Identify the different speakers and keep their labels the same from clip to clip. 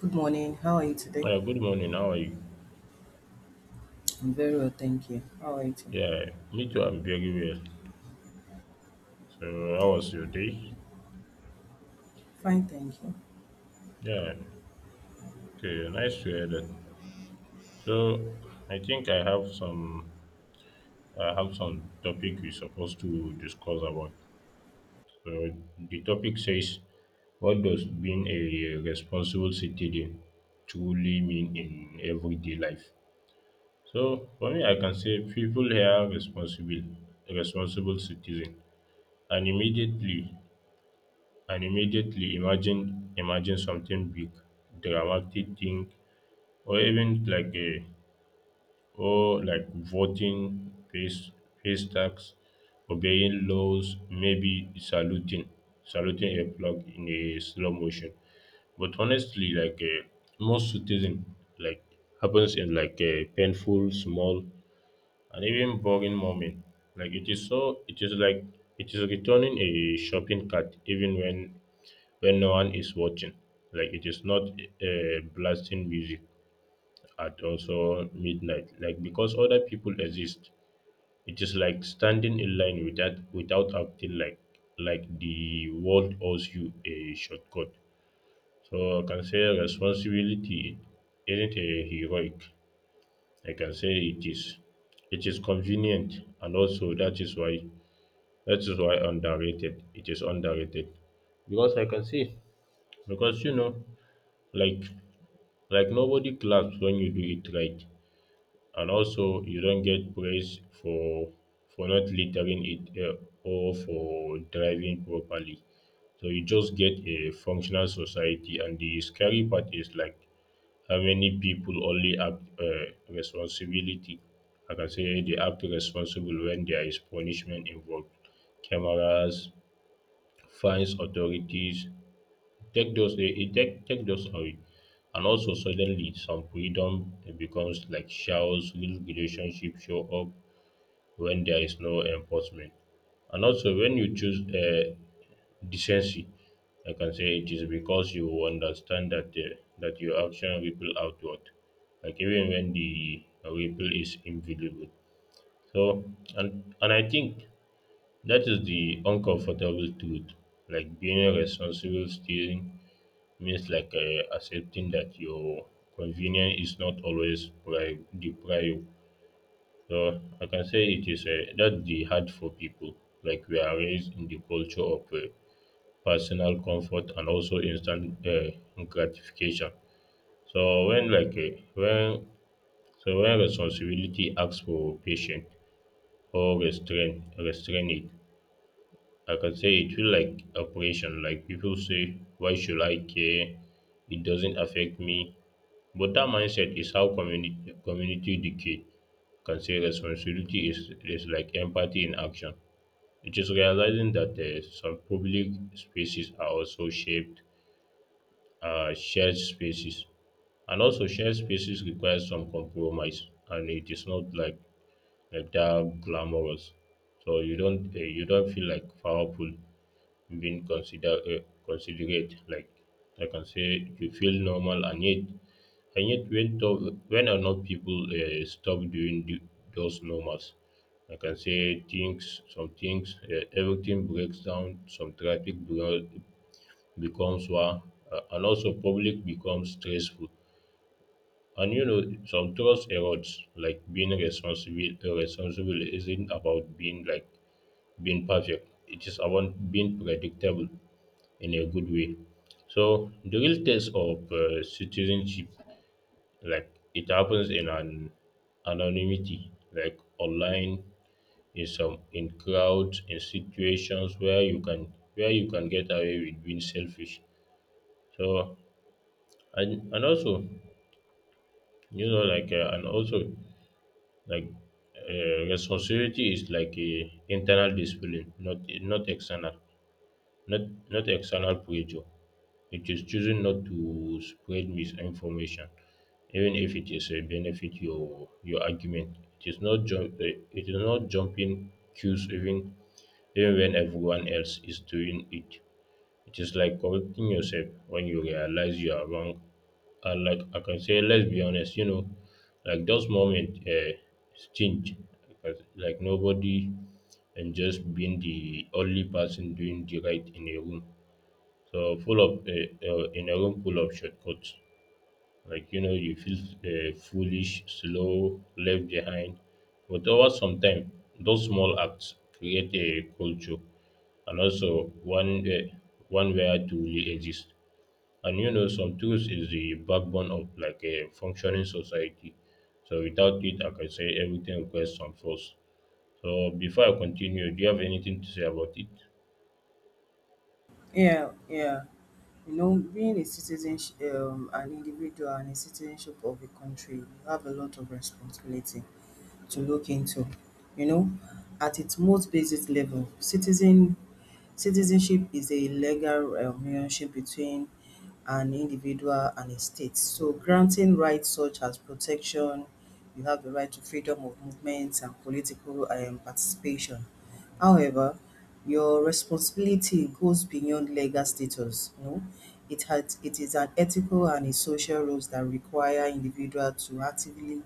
Speaker 1: Good morning. How are you today?
Speaker 2: Oh, Yeah, Good morning. How are you?
Speaker 1: I'm very well, thank you. How are you today?
Speaker 2: Yeah, Me too. I'm very well. How
Speaker 1: Th-
Speaker 2: was your day?
Speaker 1: Fine, thank you.
Speaker 2: Yeah, Okay. Nice to hear that. So, I think I have some. I have some topic we're supposed to discuss about. So, the topic says, "What does being a responsible citizen truly mean in everyday life?" So, for me, I can say people here responsible citizen, and immediately imagine something big, dramatic thing, or even like a or like voting, face tax, obeying laws, maybe saluting a flag in a slow motion. But honestly, most citizen, like happens in like a painful, small and even boring moment. Like it is so it is like it is returning a shopping cart even when no one is watching. Like it is not blasting music at also midnight. Like because other people exist. It is like standing in line without acting like the world owes you a shortcut. So I can say responsibility isn't a heroic. I can say it is convenient and also that is why underrated it is underrated because I can say because you know like nobody claps when you do it right and also you don't get praise for not littering it or for driving properly so you just get a functional society and the scary part is like how many people only act responsibility. I can say they act responsible when there is punishment involved, cameras, fines, authorities. Take those eh, eh, take, take those away, and also suddenly some freedom becomes like showers real relationship show up when there is no enforcement. And also, when you choose decency, I can say it is because you understand that your action ripple outward, like even when the ripple is invisible. So, and I think that is the uncomfortable truth. Like being responsible steering means accepting that your convenience is not always the prior, so I can say it is that the hard for people. Like we are raised in the culture of personal comfort and also instant gratification. So when like uh, when so when responsibility asks for patience or restrain it, I can say it feel like operation. Like people say, why should I care? It doesn't affect me. But that mindset is how community decay, can say responsibility is like empathy in action. It is realizing that some public spaces are also shaped shared spaces, and also shared spaces require some compromise, and it is not that glamorous. So you don't feel like powerful being considerate. Like I can say you feel normal and yet when enough people stop doing those normals. I can say everything breaks down, some traffic becomes war, and also public becomes stressful. And you know, some trust erodes, like being responsible isn't about being perfect. It is about being predictable in a good way. So the real test of citizenship, like it happens in an anonymity like online, in some, in crowds, in situations where you can get away with being selfish. So and also you know like and also like responsibility is like a internal discipline, not external, not not external pressure. It is choosing not to spread misinformation, even if it is a benefit your argument. It is not jumping cues even when everyone else is doing it. It is like correcting yourself when you realize you are wrong. And like I can say, let's be honest, like those moments change. Like nobody and just being the only person doing the right in a room. So full of in a room full of shortcuts, like you know, you feel foolish, slow, left behind. But over some time, those small acts create a culture, and also one where to really exist. And you know, some tools is the backbone of like a functioning society. So without it, like I can say everything requires some force. So before I continue, do you have anything to say about it?
Speaker 1: Yeah, yeah. You know, being a citizen, an individual, and a citizenship of a country, you have a lot of responsibility to look into. You know, at its most basic level, citizenship is a legal relationship between an individual and a state. So granting rights such as protection, you have the right to freedom of movement and political participation. However, your responsibility goes beyond legal status. You know, it is an ethical and a social roles that require individual to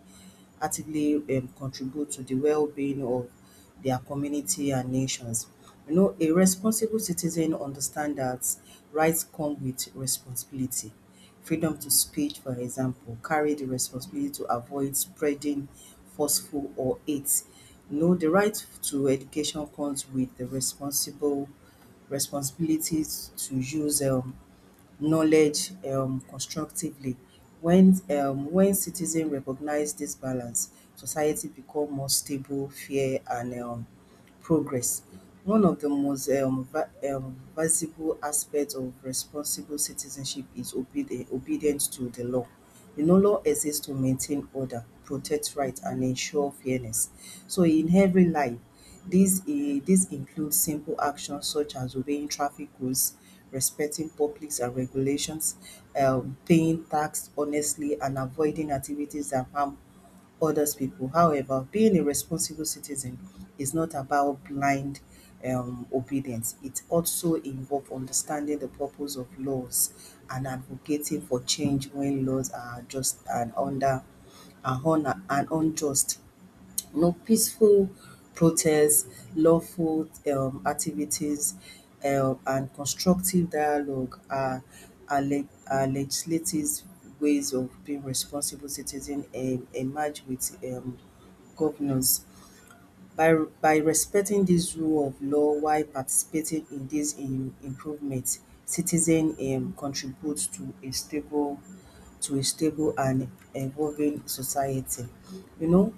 Speaker 1: actively contribute to the well-being of their community and nations. You know, a responsible citizen understands that rights come with responsibility. Freedom to speech, for example, carry the responsibility to avoid spreading forceful or hate. You know, the right to education comes with the responsible responsibilities to use knowledge constructively. When citizens recognize this balance, society become more stable, fair, and progress. One of the most visible aspects of responsible citizenship is obedience to the law. You know, law exists to maintain order, protect rights, and ensure fairness. So, in every life, these include simple actions such as obeying traffic rules, respecting publics and regulations, paying tax honestly, and avoiding activities that harm others people. However, being a responsible citizen is not about blind obedience. It also involves understanding the purpose of laws and advocating for change when laws are just and unjust. No peaceful protests, lawful activities, and constructive dialogue are legislative ways of being responsible citizens and emerge with governors. By respecting this rule of law while participating in these improvements, citizens contribute to a stable and evolving society. You know,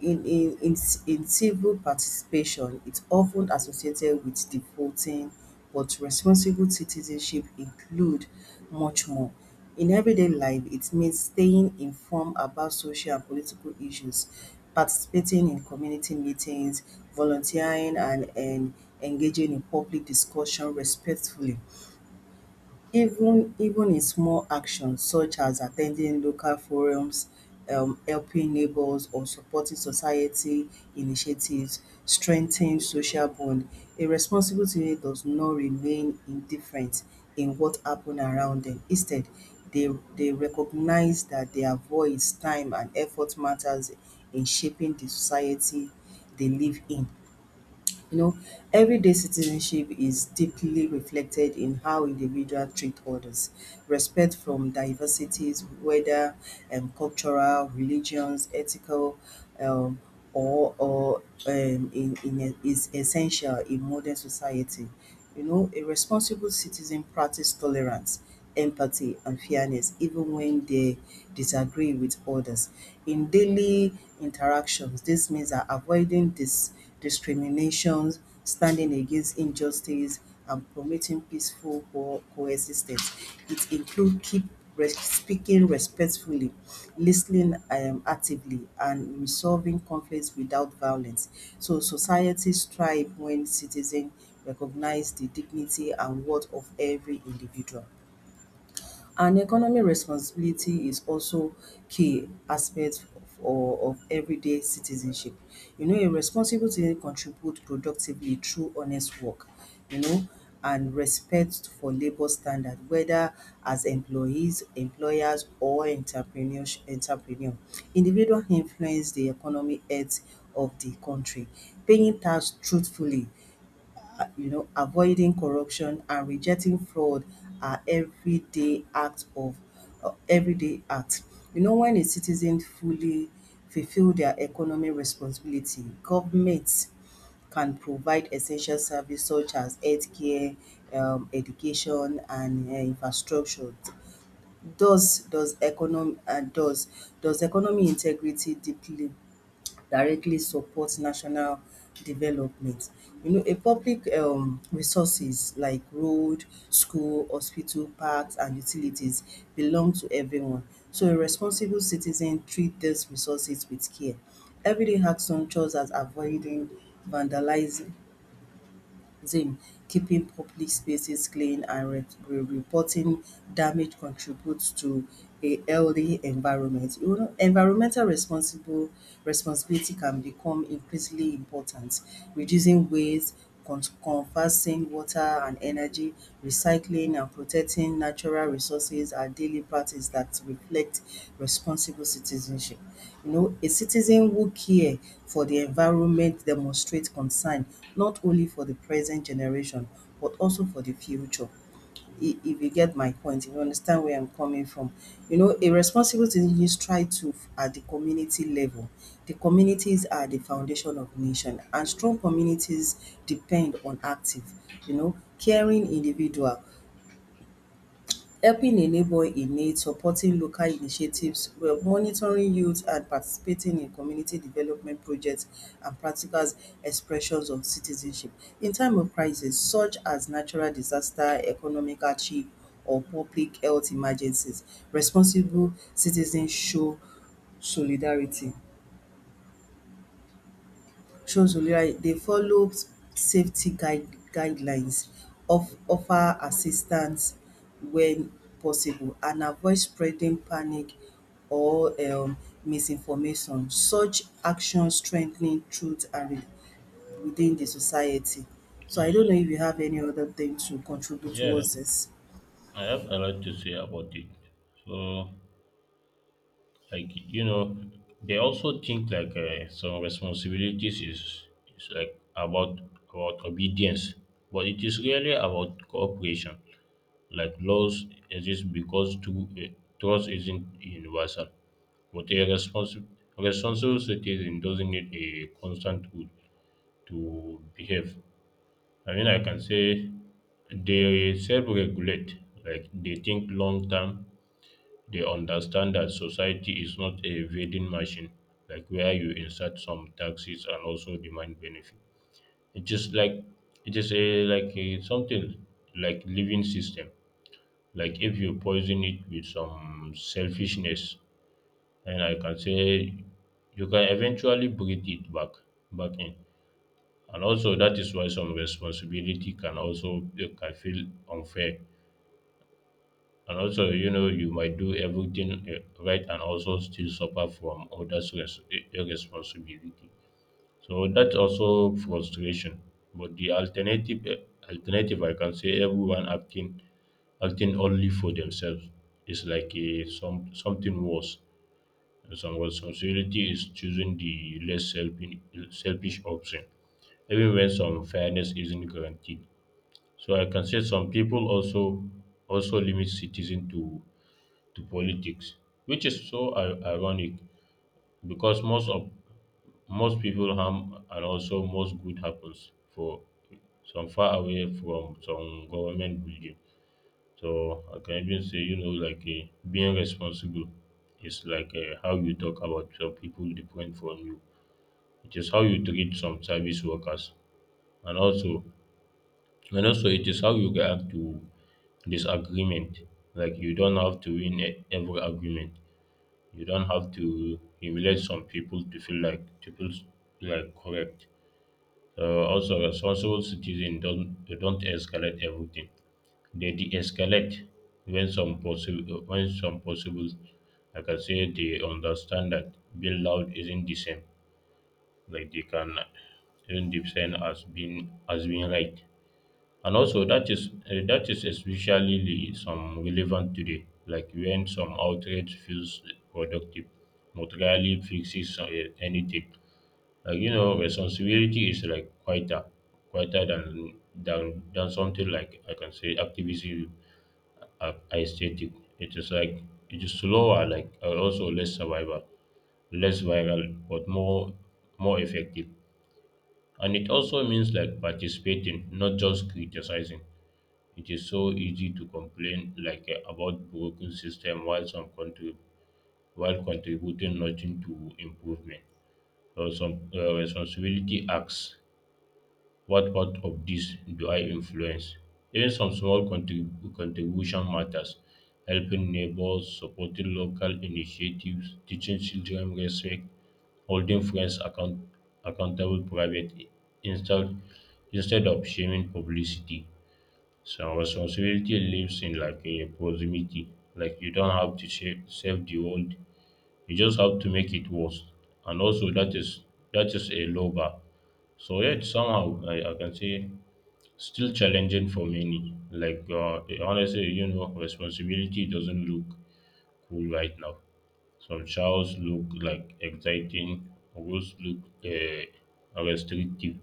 Speaker 1: in, in, in, in civil participation, it's often associated with the voting, but responsible citizenship include much more. In everyday life, it means staying informed about social and political issues, participating in community meetings, volunteering, and engaging in public discussion respectfully even in small actions such as attending local forums, helping neighbors or supporting society initiatives strengthen social bond. A responsible teenager does not remain indifferent in what happen around them. Instead, they they recognize that their voice, time and effort matters in shaping the society they live in. You know, everyday citizenship is deeply reflected in how individuals treat others. Respect from diversities, whether cultural, religions, ethical, um, or, or is essential in modern society. You know, a responsible citizen practices tolerance, empathy, and fairness even when they disagree with others. In daily interactions, this means that avoiding discriminations, standing against injustice, and promoting peaceful coexistence. It includes speaking respectfully, listening actively, and resolving conflicts without violence. So societies thrive when citizens recognize the dignity and worth of every individual. And economic responsibility is also key aspect of, of everyday citizenship. You know, a responsible citizen contribute productively through honest work, you know, and respect for labor standard, whether as employees, employers, entrepreneur. Individual influence the economic health of the country, paying tax truthfully you know, avoiding corruption and rejecting fraud are everyday acts of everyday acts. You know, when a citizen fully fulfill their economic responsibility, governments can provide essential services such as healthcare, education, and infrastructure. Does economic Does economy integrity deeply directly support national development. You know, a public resources like road, school, hospital, parks, and utilities belong to everyone. So a responsible citizen treat these resources with care. Everyday action such as avoiding vandalizing them keeping public spaces clean and reporting damage contributes to a healthy environment. You know, environmental responsible responsibility can become increasingly important, reducing waste, conversing water and energy, recycling and protecting natural resources are daily practices that reflect responsible citizenship. You know, a citizen who care for the environment demonstrates concern not only for the present generation but also for the future if you get my point, if you understand where I'm coming from. You know, a responsible citizen is at the community level. The communities are the foundation of nation and strong communities depend on active, you know, caring individual helping a neighbor in need, supporting local initiatives, well, monitoring youth and participating in community development projects and practical expressions of citizenship. In time of crisis such as natural disaster, economic hardship or public health emergencies, responsible citizens show solidarity. Shows will right. They follow safety guide guidelines of offer assistance when possible and avoid spreading panic or misinformation. Such actions strengthening truth and within the society. So I don't know if you have any other thing to contribute
Speaker 2: Yeah.
Speaker 1: towards this.
Speaker 2: I have a lot to say about it. So, like you know, they also think some responsibilities is like about obedience, but it is really about cooperation. Like laws exist because trust isn't universal, but a responsible citizen doesn't need a constant rule to behave. I mean, I can say they self-regulate, like they think long term. They understand that society is not a vending machine, like where you insert some taxes and also demand benefit. It just like it is a like a, something like living system. Like if you poison it with some selfishness, and I can say you can eventually breathe it back in. And also that is why some responsibility can also can feel unfair. And also, you know, you might do everything right and also still suffer from others' irresponsibility. So that's also frustration. But the alternative, I can say, acting only for themselves is like a some something worse. Some responsibility is choosing the selfish option, even when some fairness isn't guaranteed. So I can say some people also limit citizen to politics, which is so ironic because most people harm and also most good happens for some, far away from some government building. So I can even say, you know, being responsible is like how you talk about some people different from you. It is how you treat some service workers, and also it is how you react to disagreement. Like you don't have to win every argument. You don't have to humiliate some people to feel like correct. Also, responsible citizens don't escalate everything. They de-escalate when some possible. Like I can say they understand that being loud isn't the same. Like they can isn't the same as being right. And also, that is especially some relevant today, like when some outrage feels productive, but rarely fixes anything. Like you know, responsibility is like quieter than something like I can say activism, aesthetic. It is like it is slower, like and also less survival, less viral, but more effective. And it also means like participating, not just criticizing. It is so easy to complain about broken system while some country while contributing nothing to improvement. So some responsibility asks, what part of this do I influence? Even some small contribution matters: helping neighbors, supporting local initiatives, teaching children respect, holding friends accountable private, instead instead of shaming publicity. Some responsibility lives in like a proximity. Like you don't have to save the world. You just have to make it worse. And also that is a low bar. So yet somehow I can say still challenging for many. Like honestly, you know, responsibility doesn't look cool right now. Some childs look like exciting, others look restrictive,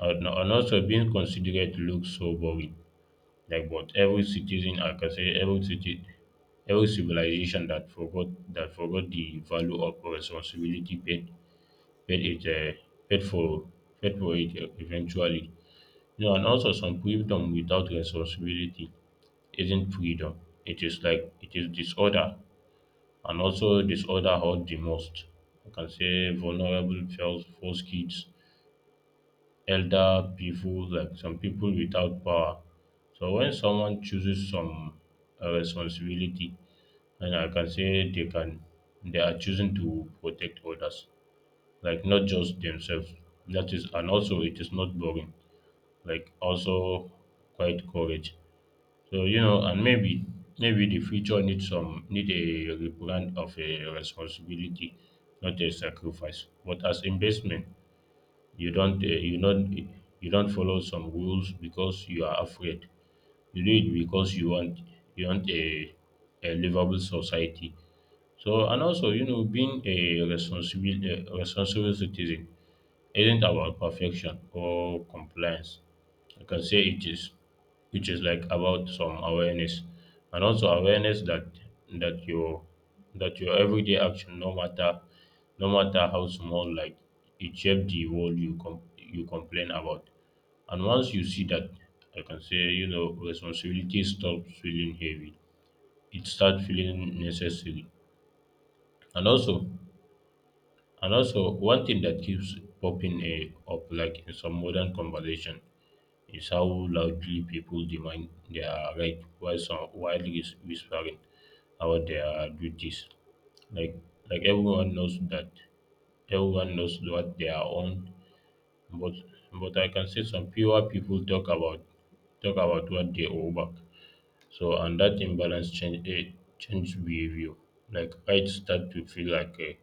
Speaker 2: and also being considerate looks so boring. Like, but every citizen, I can say every city, every civilization that forgot the value of responsibility paid it uh, paid for paid for it eventually. You know, and also some freedom without responsibility isn't freedom. It is disorder, and also disorder hurt the most. I can say vulnerable feels force kids, elder people, like some people without power. So when someone chooses some responsibility, and I can say they can, they are choosing to protect others, like not just themselves. That is, and also it is not boring. Like also quite courage. So you know, and maybe the future needs some need a rebrand of a responsibility, not a sacrifice, but as investment. you don't uh, you not you don't follow some rules because you are afraid. You do it because you want a livable society. So and also you know being a responsible citizen isn't about perfection or compliance. I can say it is, Which is like about some awareness, and also awareness that your everyday action, no matter how small, like it shape the world you you complain about. And once you see that, I can say you know responsibility stops feeling heavy. It starts feeling necessary, and also and also, one thing that keeps popping up, like in some modern conversation, is how loudly people demand their right while whispering about their duties. Like like everyone knows that everyone knows what they are on, but but I can say some fewer people talk about what they owe back. So and that imbalance change behavior. Like rights start to feel like a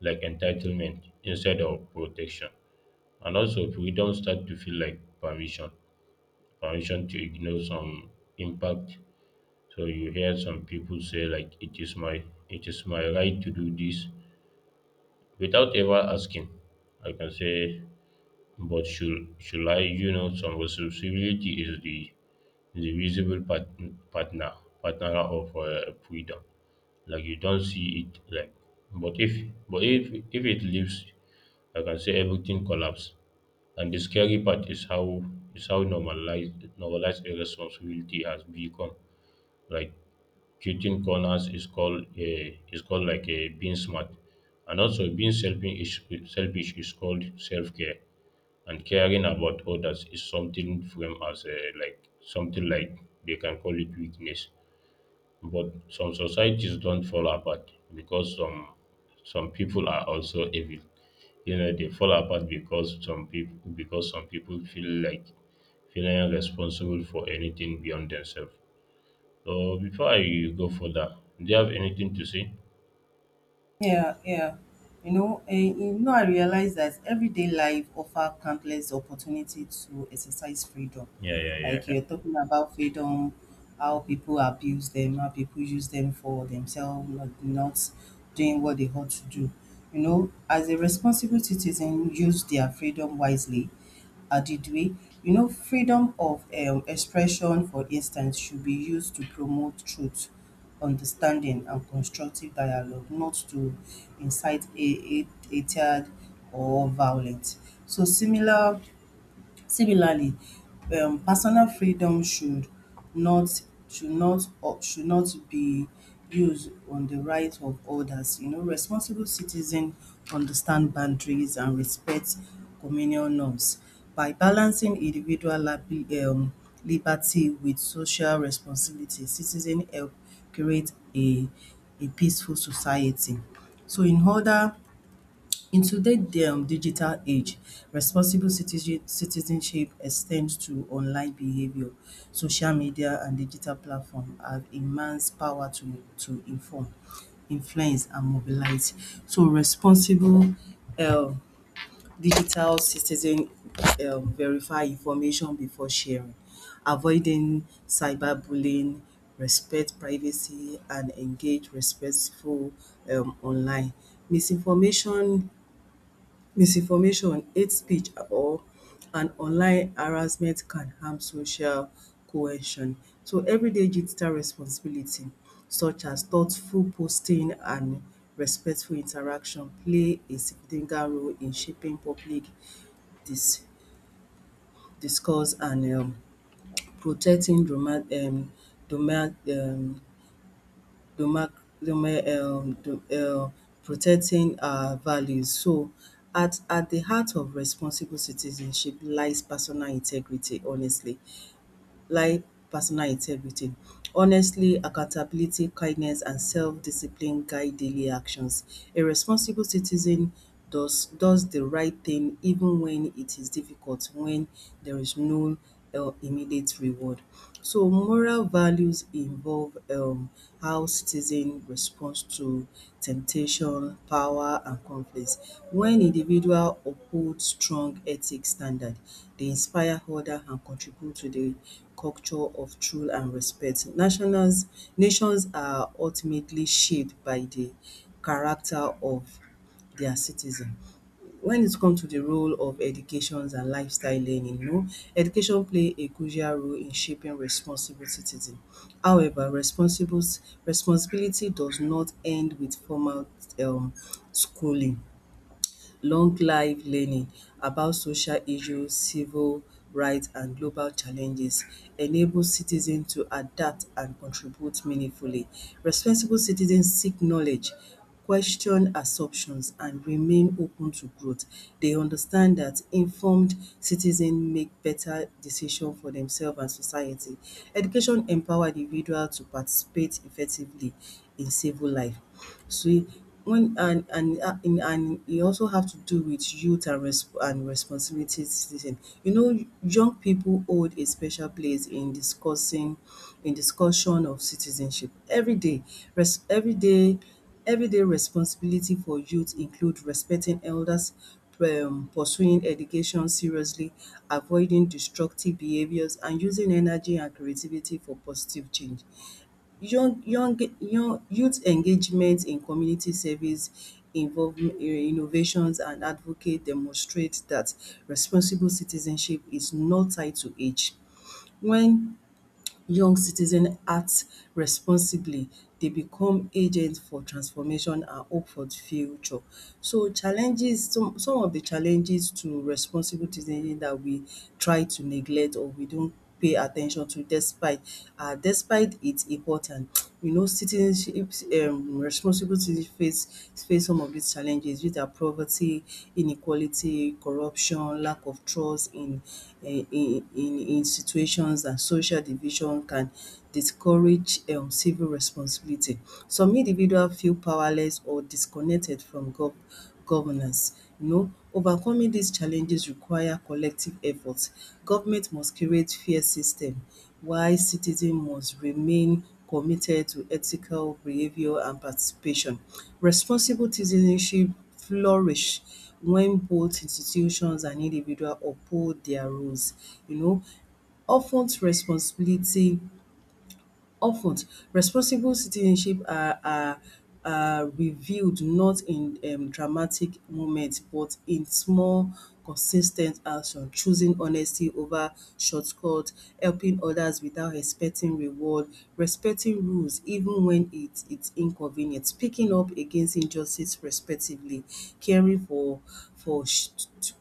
Speaker 2: like entitlement instead of protection. And also freedom start to feel like permission. Permission to ignore some impact. So you hear some people say like it is my right to do this without ever asking. I can say but should I, you know, some responsibility is the visible part, partner partner of freedom. Like you don't see it, like but if it leaves, I can say everything collapse. And the scary part is how normalized irresponsibility has become, like cutting corners is called like a being smart, and also being selfish is called self-care, and caring about others is something framed as a like something like they can call it weakness. But some societies don't fall apart because some people are also evil. You know, they fall apart because some people feel like feeling responsible for anything beyond themselves. So before I go further, do you have anything to say?
Speaker 1: Yeah, yeah. You know, and you know, I realize that everyday life offer countless opportunity to exercise freedom.
Speaker 2: Yeah, yeah,
Speaker 1: Like
Speaker 2: yeah.
Speaker 1: you're talking about freedom, how people abuse them, how people use them for themselves, like not doing what they ought to do. You know, as a responsible citizen, use their freedom wisely Adidwe, you know, freedom of expression, for instance, should be used to promote truth, understanding, and constructive dialogue, not to incite hatred or violence. So similar Similarly, personal freedom not should not or should not be used on the right of others. You know, responsible citizen understand boundaries and respect communal norms. By balancing individual liberty with social responsibility, citizen help create a peaceful society. So in order In today's digital age, responsible citizenship extends to online behavior. Social media and digital platforms have immense power to inform, influence, and mobilize. So, responsible um, digital citizen verify information before sharing, avoiding cyberbullying, respect privacy, and engage respectful online. Misinformation Misinformation, hate speech or an online harassment can harm social cohesion. So everyday digital responsibility such as thoughtful posting and respectful interaction play a significant role in shaping public dis discourse and protecting doma doma demarc deme- de- protecting our values so at the heart of responsible citizenship lies like personal integrity. Honestly, accountability, kindness, and self-discipline guide daily actions. A responsible citizen does the right thing even when it is difficult, when there is no immediate reward. So moral values involve how citizen responds to temptation, power, and conflicts. When individual uphold strong ethic standard, they inspire order and contribute to the culture of truth and respect. Nations are ultimately shaped by the character of their citizen. When it comes to the role of educations and lifestyle learning, you know, education play a crucial role in shaping responsible citizen. However, responsible responsibility does not end with formal um schooling long life learning about social issues, civil rights and global challenges enables citizens to adapt and contribute meaningfully. Responsible citizens seek knowledge, question assumptions and remain open to growth. They understand that informed citizens make better decisions for themselves and society. Education empowers individuals to participate effectively in civil life. So when and you also have to do with youth and responsibilities. Listen, you know, young people hold a special place in discussing in discussion of citizenship. Every day, res- every day, everyday responsibility for youth include respecting elders, pursuing education seriously, avoiding destructive behaviors, and using energy and creativity for positive change. Young young young Youth engagement in community service involvement innovations and advocate demonstrate that responsible citizenship is not tied to age. When young citizens act responsibly, they become agents for transformation and hope for the future. So challenges, some of the challenges to responsible citizenship that we try to neglect or we don't pay attention to despite its important. You know citizenship responsible citizenship countries face some of these challenges which are poverty, inequality, corruption, lack of trust in in institutions and social division can discourage civil responsibility. Some individuals feel powerless or disconnected from governance. You know, overcoming these challenges require collective efforts. Government must create fair system while citizen must remain committed to ethical behaviour and participation. Responsible citizenship flourish when both institutions and individual uphold their rules. You know, of ten responsibility Of ten, responsible citizenship are revealed not in dramatic moments but in small consis ten t action, choosing honesty over shortcut, helping others without expecting reward, respecting rules even when it's inconvenient, speaking up against injustice respectively, caring for for sh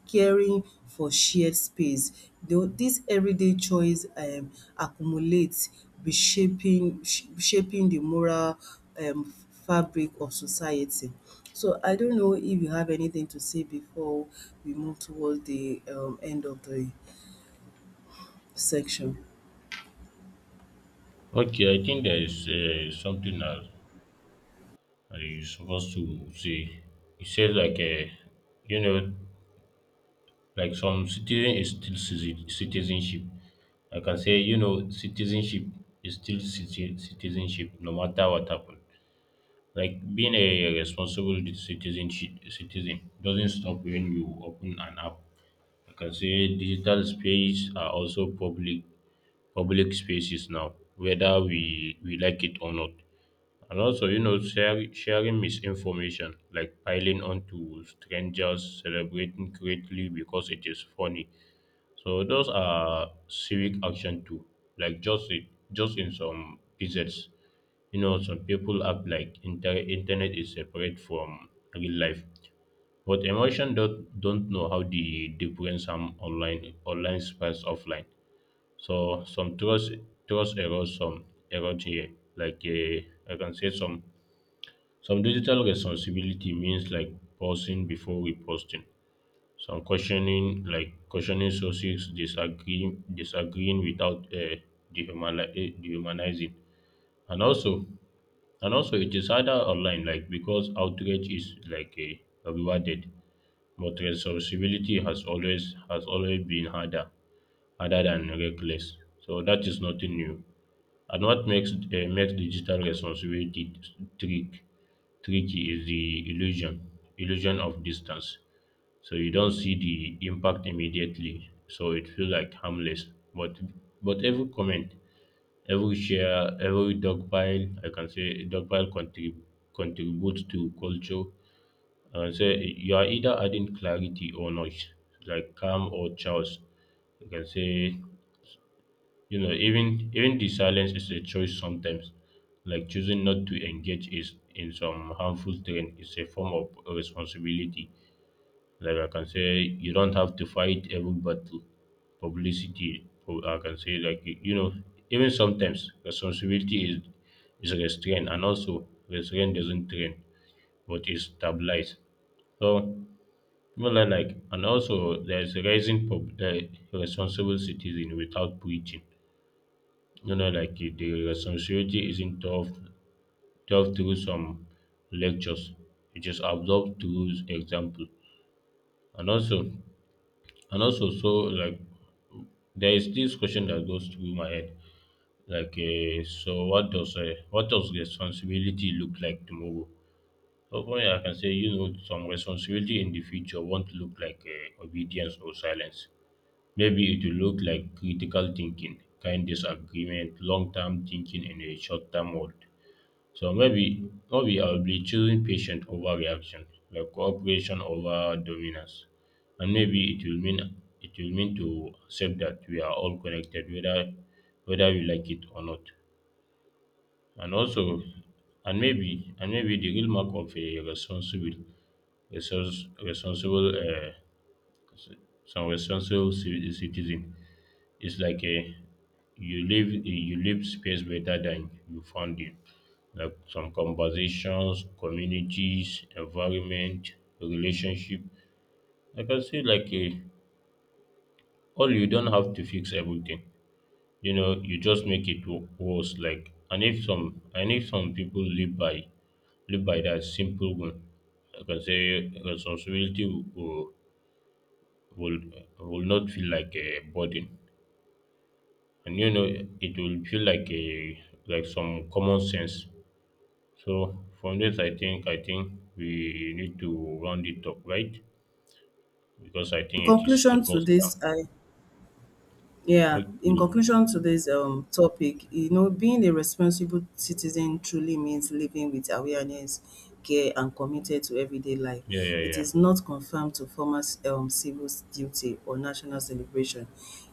Speaker 1: caring for shared space. Though these everyday choice accumulate shaping the moral um fabric of society. So I don't know if you have anything to say before we move towards the end of the section.
Speaker 2: yeah. Okay, I think there is something that I supposed to say. It says like, you know, like some citizenship. Like I can say, you know, citizenship is still citizenship no matter what happened. Like being a responsible citizen doesn't stop when you open an app. Like I can say digital space are also public spaces now, whether we like it or not. And also, you know, sharing misinformation, like piling onto strangers, celebrating greatly because it is funny. So those are civic action too. Like just it, just in some pieces, you know, some people act like internet is separate from real life. But emotion don't know how the difference from online spans offline. So some trust erodes, some erode here. Like I can say some digital responsibility means like pausing before reposting. Some questioning sources, disagreeing without dehumanizing, and also and also it is harder online like because outrage is like a rewarded, but responsibility has always been harder other than reckless. So that is nothing new. And what makes digital responsibility trick tricky is the illusion of distance. So you don't see the impact immediately, so it feels like harmless. But every comment, every share, every dog pile contributes to culture. I can say you are either adding clarity or noise, like calm or chaos. You can say, you know, even the silence is a choice sometimes. Like choosing not to engage is in some harmful trend is a form of responsibility. Like I can say, you don't have to fight every battle. Publicity, or I can say, like you know, even sometimes responsibility is restraint, and also restraint doesn't train, but is stabilized. So, more like, and also there's a rising pub, responsible citizen without preaching, you know, like it- the responsibility isn't taught through some lectures. It is absorbed through example. And also, and also, so like there is this question that goes through my head. Like, so what does responsibility look like tomorrow? So for me, I can say, you know, some responsibility in the future won't look like obedience or silence. Maybe it will look like critical thinking, kind disagreement, long-term thinking in a short-term world. So maybe I'll be choosing patient over reaction, like cooperation over dominance. And maybe it will mean to accept that we are all connected, whether we like it or not. And also and maybe the real mark of a responsible responsible uh, responsible citizen, it's like a you leave space better than you found it. Like some conversations, communities, environment, relationship. Like I can say, like a all, you don't have to fix everything. You know, you just make it worse. Like and if some people live by that simple one, I can say responsibility will will, will not feel like a burden. And you know it will feel like a like some common sense. So from this, I think we need to round it up, right? Because I
Speaker 1: In
Speaker 2: think it is
Speaker 1: conclusion to
Speaker 2: almost done.
Speaker 1: this, I Yeah, in
Speaker 2: Okay.
Speaker 1: conclusion to this topic, you know, being a responsible citizen truly means living with awareness, care, and committed to everyday life.
Speaker 2: Yeah, yeah,
Speaker 1: It
Speaker 2: yeah.
Speaker 1: is not confined to formal civil duty or national celebration.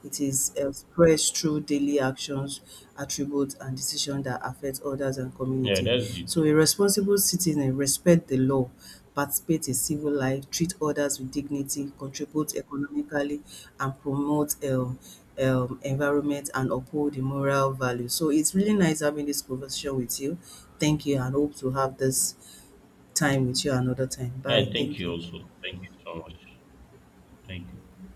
Speaker 1: It is expressed through daily actions, attributes, and decisions that affect others and
Speaker 2: Yeah,
Speaker 1: community.
Speaker 2: that's it.
Speaker 1: So, a responsible citizen respect the law, participate in civil life, treat others with dignity, contribute economically, and promote environment and uphold the moral value. So it's really nice having this conversation with you. Thank you and hope to have this time with you another time.
Speaker 2: Yeah,
Speaker 1: Bye.
Speaker 2: thank
Speaker 1: Thank
Speaker 2: you
Speaker 1: you.
Speaker 2: also. Thank you so much. Thank you.